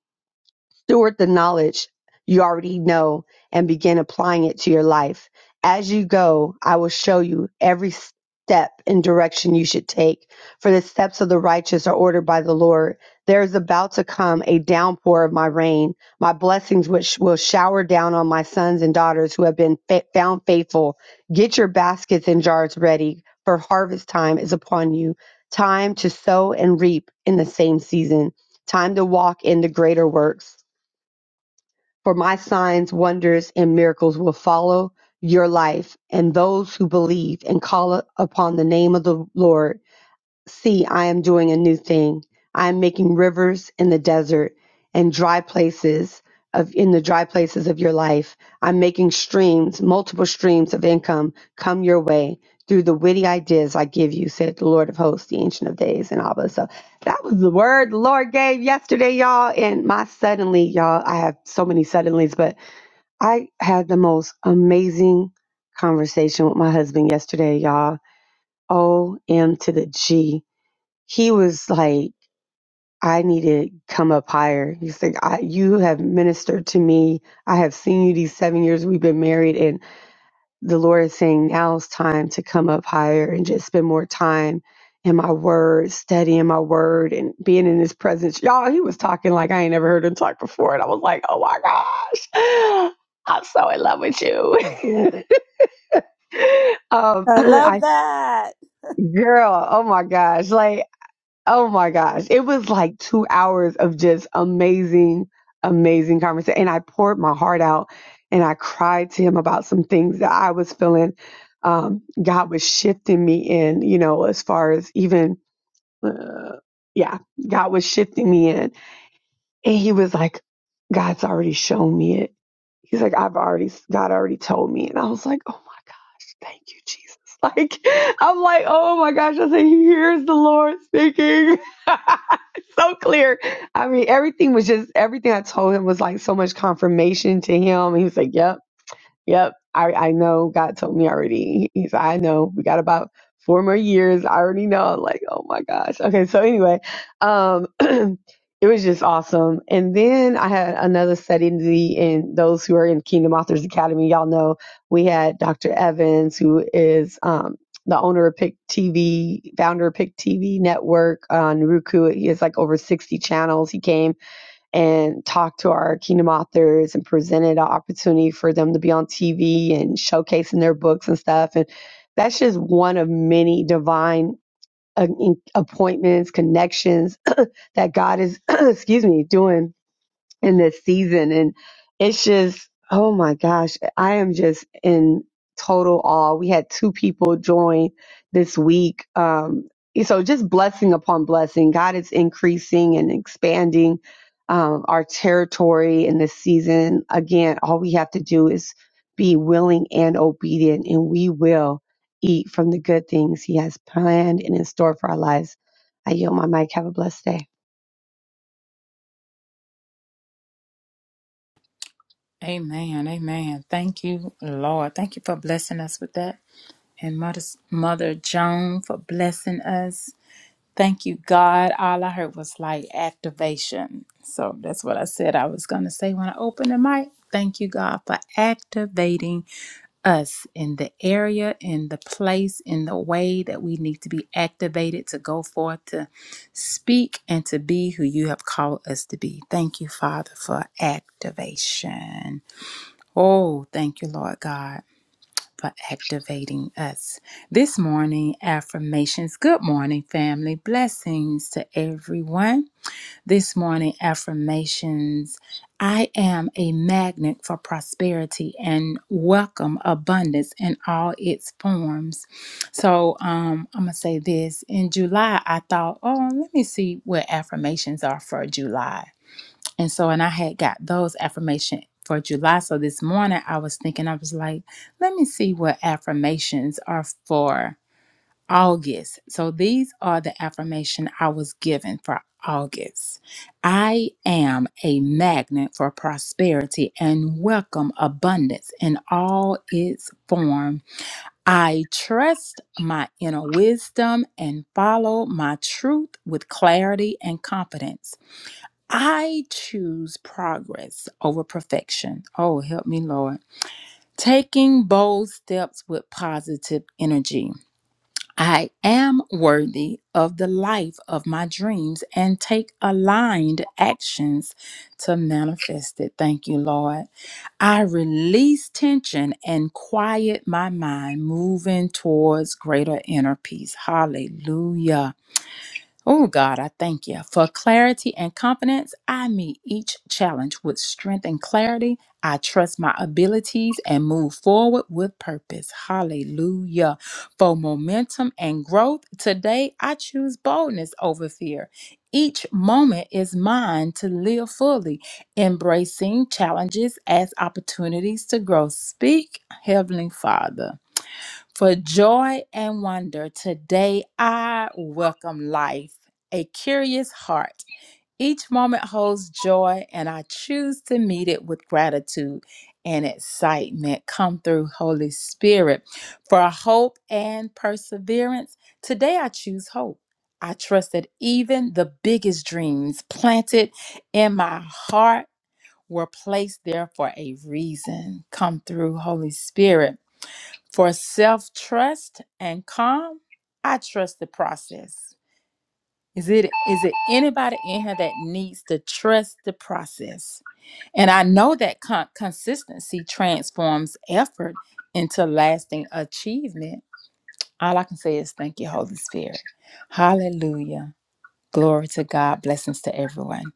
Steward the knowledge you already know and begin applying it to your life. As you go, I will show you every step and direction you should take. For the steps of the righteous are ordered by the Lord. There is about to come a downpour of my rain, my blessings, which will shower down on my sons and daughters who have been fa- found faithful. Get your baskets and jars ready, for harvest time is upon you. Time to sow and reap in the same season. Time to walk in the greater works for my signs, wonders, and miracles will follow your life and those who believe and call upon the name of the Lord See, I am doing a new thing. I am making rivers in the desert and dry places of in the dry places of your life. I'm making streams, multiple streams of income come your way through the witty ideas I give you, said the Lord of hosts, the ancient of days and all that. So that was the word the Lord gave yesterday, y'all. And my suddenly, y'all, I have so many suddenlies, but I had the most amazing conversation with my husband yesterday, y'all. O M to the G he was like, I need to come up higher. He's like, I, you have ministered to me. I have seen you these seven years we've been married, and the Lord is saying now's time to come up higher and just spend more time in my word, studying my word, and being in His presence. Y'all, he was talking like I ain't never heard him talk before, and I was like, oh my gosh, I'm so in love with you. um,
I love
I
that.
girl, oh my gosh, like." Oh my gosh. It was like two hours of just amazing, amazing conversation. And I poured my heart out and I cried to him about some things that I was feeling um, God was shifting me in, you know, as far as even, uh, yeah, God was shifting me in. And he was like, God's already shown me it. He's like, I've already, God already told me. And I was like, oh my gosh, thank you, Jesus. Like, I'm like, oh my gosh, I said, here's the Lord speaking. so clear. I mean, everything was just everything I told him was like so much confirmation to him. He was like, "Yep." Yep. I, I know God told me already. He said, I know we got about four more years. I already know. I'm like, oh my gosh. Okay. So anyway, um, it was just awesome. And then I had another setting the, and those who are in Kingdom Authors Academy, y'all know we had Dr. Evans, who is, um, the owner of Pick TV, founder of Pick TV network on Roku. He has like over 60 channels. He came and talked to our kingdom authors and presented an opportunity for them to be on TV and showcasing their books and stuff. And that's just one of many divine uh, in- appointments, connections that God is, excuse me, doing in this season. And it's just, oh my gosh, I am just in total awe. We had two people join this week. Um, so just blessing upon blessing. God is increasing and expanding um, our territory in this season. Again, all we have to do is be willing and obedient, and we will eat from the good things He has planned and in store for our lives. I yield my mic. Have a blessed day.
amen, amen. Thank you, Lord. Thank you for blessing us with that. And Mother, Mother Joan for blessing us. Thank you, God. All I heard was like activation. So that's what I said I was going to say when I opened the mic. Thank you, God, for activating us in the area, in the place, in the way that we need to be activated to go forth, to speak, and to be who you have called us to be. Thank you, Father, for activation. Oh, thank you, Lord God, for activating us. This morning, affirmations. Good morning, family. Blessings to everyone this morning affirmations. I am a magnet for prosperity and welcome abundance in all its forms. So um, I'm going to say this. In July, I thought, oh, let me see what affirmations are for July. And so, and I had got those affirmation for July. So this morning, I was thinking, I was like, let me see what affirmations are for August. So these are the affirmation I was given for August. I am a magnet for prosperity and welcome abundance in all its form. I trust my inner wisdom and follow my truth with clarity and confidence. I choose progress over perfection. Oh, help me, Lord. Taking bold steps with positive energy. I am worthy of the life of my dreams and take aligned actions to manifest it. Thank you, Lord. I release tension and quiet my mind, moving towards greater inner peace. Hallelujah. Oh God, I thank you. For clarity and confidence, I meet each challenge with strength and clarity. I trust my abilities and move forward with purpose. Hallelujah. For momentum and growth, today I choose boldness over fear. Each moment is mine to live fully, embracing challenges as opportunities to grow. Speak, Heavenly Father. For joy and wonder, today I welcome life, a curious heart. Each moment holds joy, and I choose to meet it with gratitude and excitement. Come through, Holy Spirit. For hope and perseverance, today I choose hope. I trust that even the biggest dreams planted in my heart were placed there for a reason. Come through, Holy Spirit for self trust and calm, I trust the process. Is it is it anybody in here that needs to trust the process? And I know that con- consistency transforms effort into lasting achievement. All I can say is thank you, Holy Spirit. Hallelujah. Glory to God. Blessings to everyone.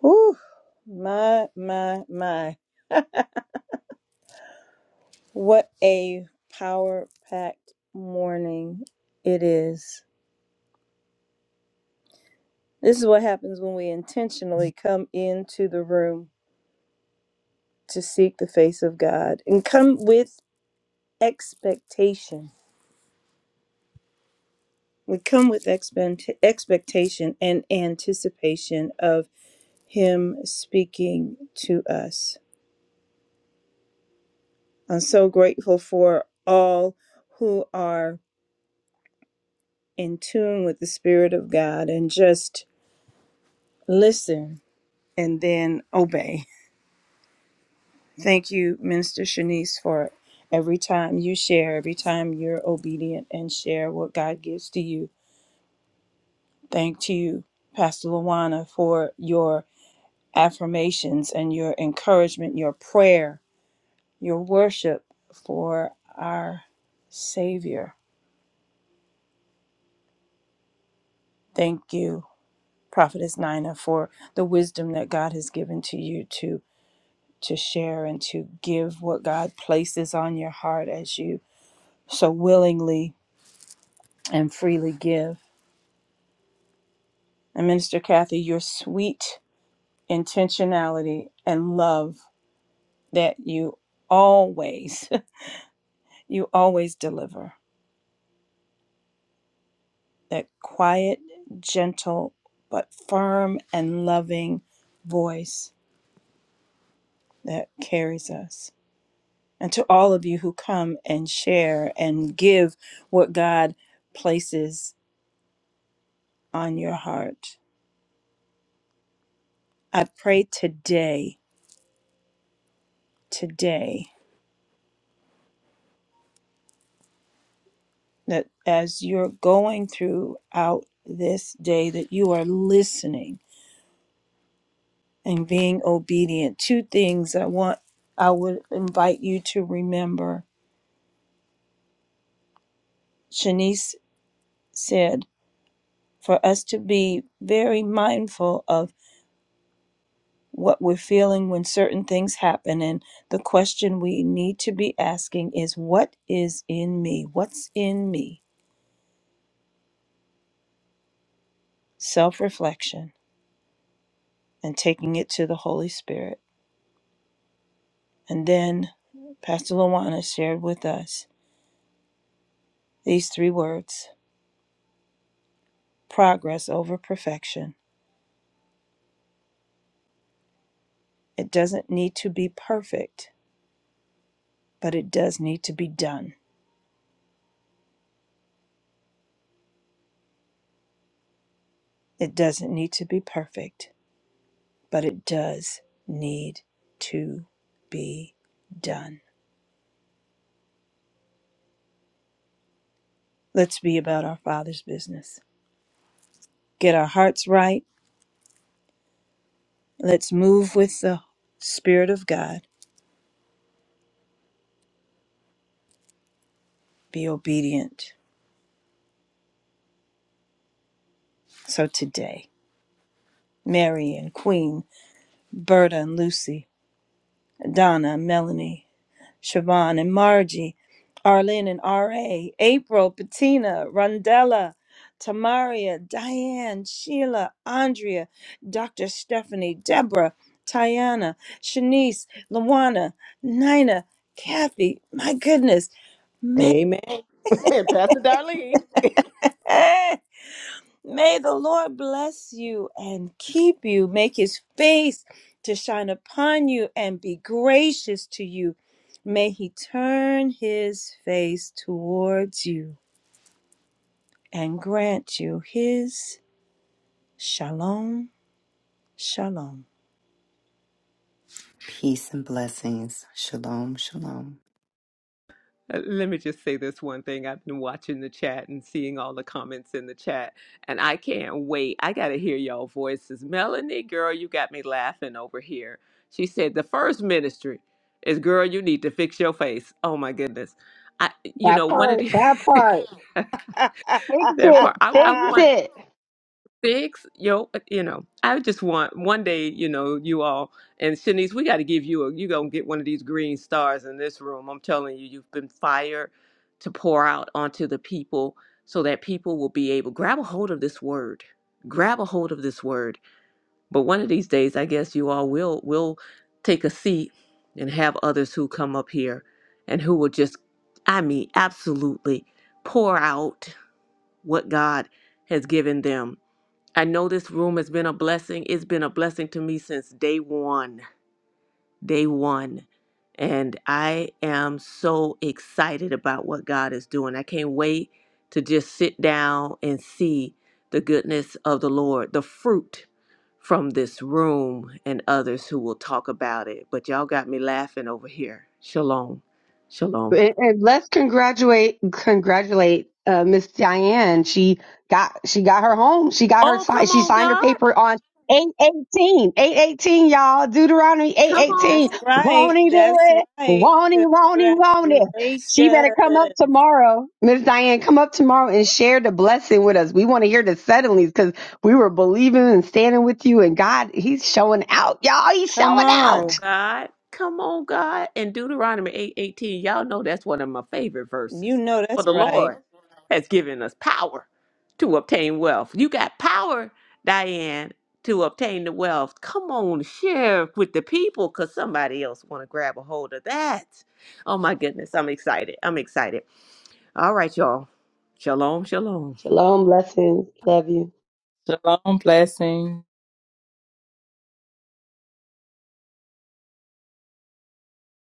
Whew, my, my, my. What a power packed morning it is. This is what happens when we intentionally come into the room to seek the face of God and come with expectation. We come with expect- expectation and anticipation of Him speaking to us. I'm so grateful for all who are in tune with the Spirit of God and just listen and then obey. Thank you, Minister Shanice, for every time you share, every time you're obedient and share what God gives to you. Thank you, Pastor Luana, for your affirmations and your encouragement, your prayer, your worship for our Savior. Thank you prophetess nina for the wisdom that god has given to you to to share and to give what god places on your heart as you so willingly and freely give and minister kathy your sweet intentionality and love that you always you always deliver that quiet gentle but firm and loving voice that carries us and to all of you who come and share and give what God places on your heart. I pray today, today, that as you're going throughout this day, that you are listening and being obedient. Two things I want, I would invite you to remember. Shanice said, for us to be very mindful of." what we're feeling when certain things happen. And the question we need to be asking is, What is in me? What's in me? Self reflection and taking it to the Holy Spirit. And then Pastor Luana shared with us these three words progress over perfection. It doesn't need to be perfect, but it does need to be done. It doesn't need to be perfect, but it does need to be done. Let's be about our Father's business. Get our hearts right. Let's move with the Spirit of God. Be obedient. So today, Mary and Queen, Berta and Lucy, Donna and Melanie, Siobhan and Margie, Arlene and R.A., April, Bettina, Rondella, Tamaria, Diane, Sheila, Andrea, Dr. Stephanie, Deborah, Tiana, Shanice, Luana, Nina, Kathy, my goodness, man,
Amen. Pastor Darlene.
May the Lord bless you and keep you, make his face to shine upon you and be gracious to you. May he turn his face towards you and grant you his shalom, shalom.
peace and blessings. Shalom, shalom.
Uh, Let me just say this one thing. I've been watching the chat and seeing all the comments in the chat, and I can't wait. I got to hear y'all voices. Melanie, girl, you got me laughing over here. She said the first ministry is girl, you need to fix your face. Oh my goodness. I you
That
know, one of
part,
the
that part. Fix
that
it.
part I, I
Fix
want
it.
Six, yo, you know, I just want one day, you know, you all and Shanice, we got to give you a, you gonna get one of these green stars in this room. I'm telling you, you've been fired to pour out onto the people so that people will be able grab a hold of this word, grab a hold of this word. But one of these days, I guess you all will will take a seat and have others who come up here and who will just, I mean, absolutely pour out what God has given them I know this room has been a blessing. It's been a blessing to me since day one. Day one. And I am so excited about what God is doing. I can't wait to just sit down and see the goodness of the Lord, the fruit from this room and others who will talk about it. But y'all got me laughing over here. Shalom. Shalom.
And, and let's congratulate congratulate uh, Miss Diane. She got she got her home. She got her
Oh,
si-
come
she
on,
signed her
God.
paper on 818. 818, y'all. Deuteronomy
Come
818.
on.
That's right.
Won't he do
That's
it?
right.
Won't he, won't he, won't he? She better
Congratulations.
come up tomorrow. Miss Diane, come up tomorrow and share the blessing with us. We want to hear the suddenlies because we were believing and standing with you and God, he's showing out. Y'all, he's
Come
showing
Come on,
out.
on.
God. Come on, God. And Deuteronomy eight you y'all know that's one of my favorite
You
verses.
know
For
that's
the
right.
Lord has given us power to obtain wealth. You got power, Diane, to obtain the wealth. Come on, share with the people because somebody else want to grab a hold of that. Oh, my goodness. I'm excited. I'm excited. All right, y'all. Shalom, shalom.
Shalom, blessings. Love you.
Shalom, blessing.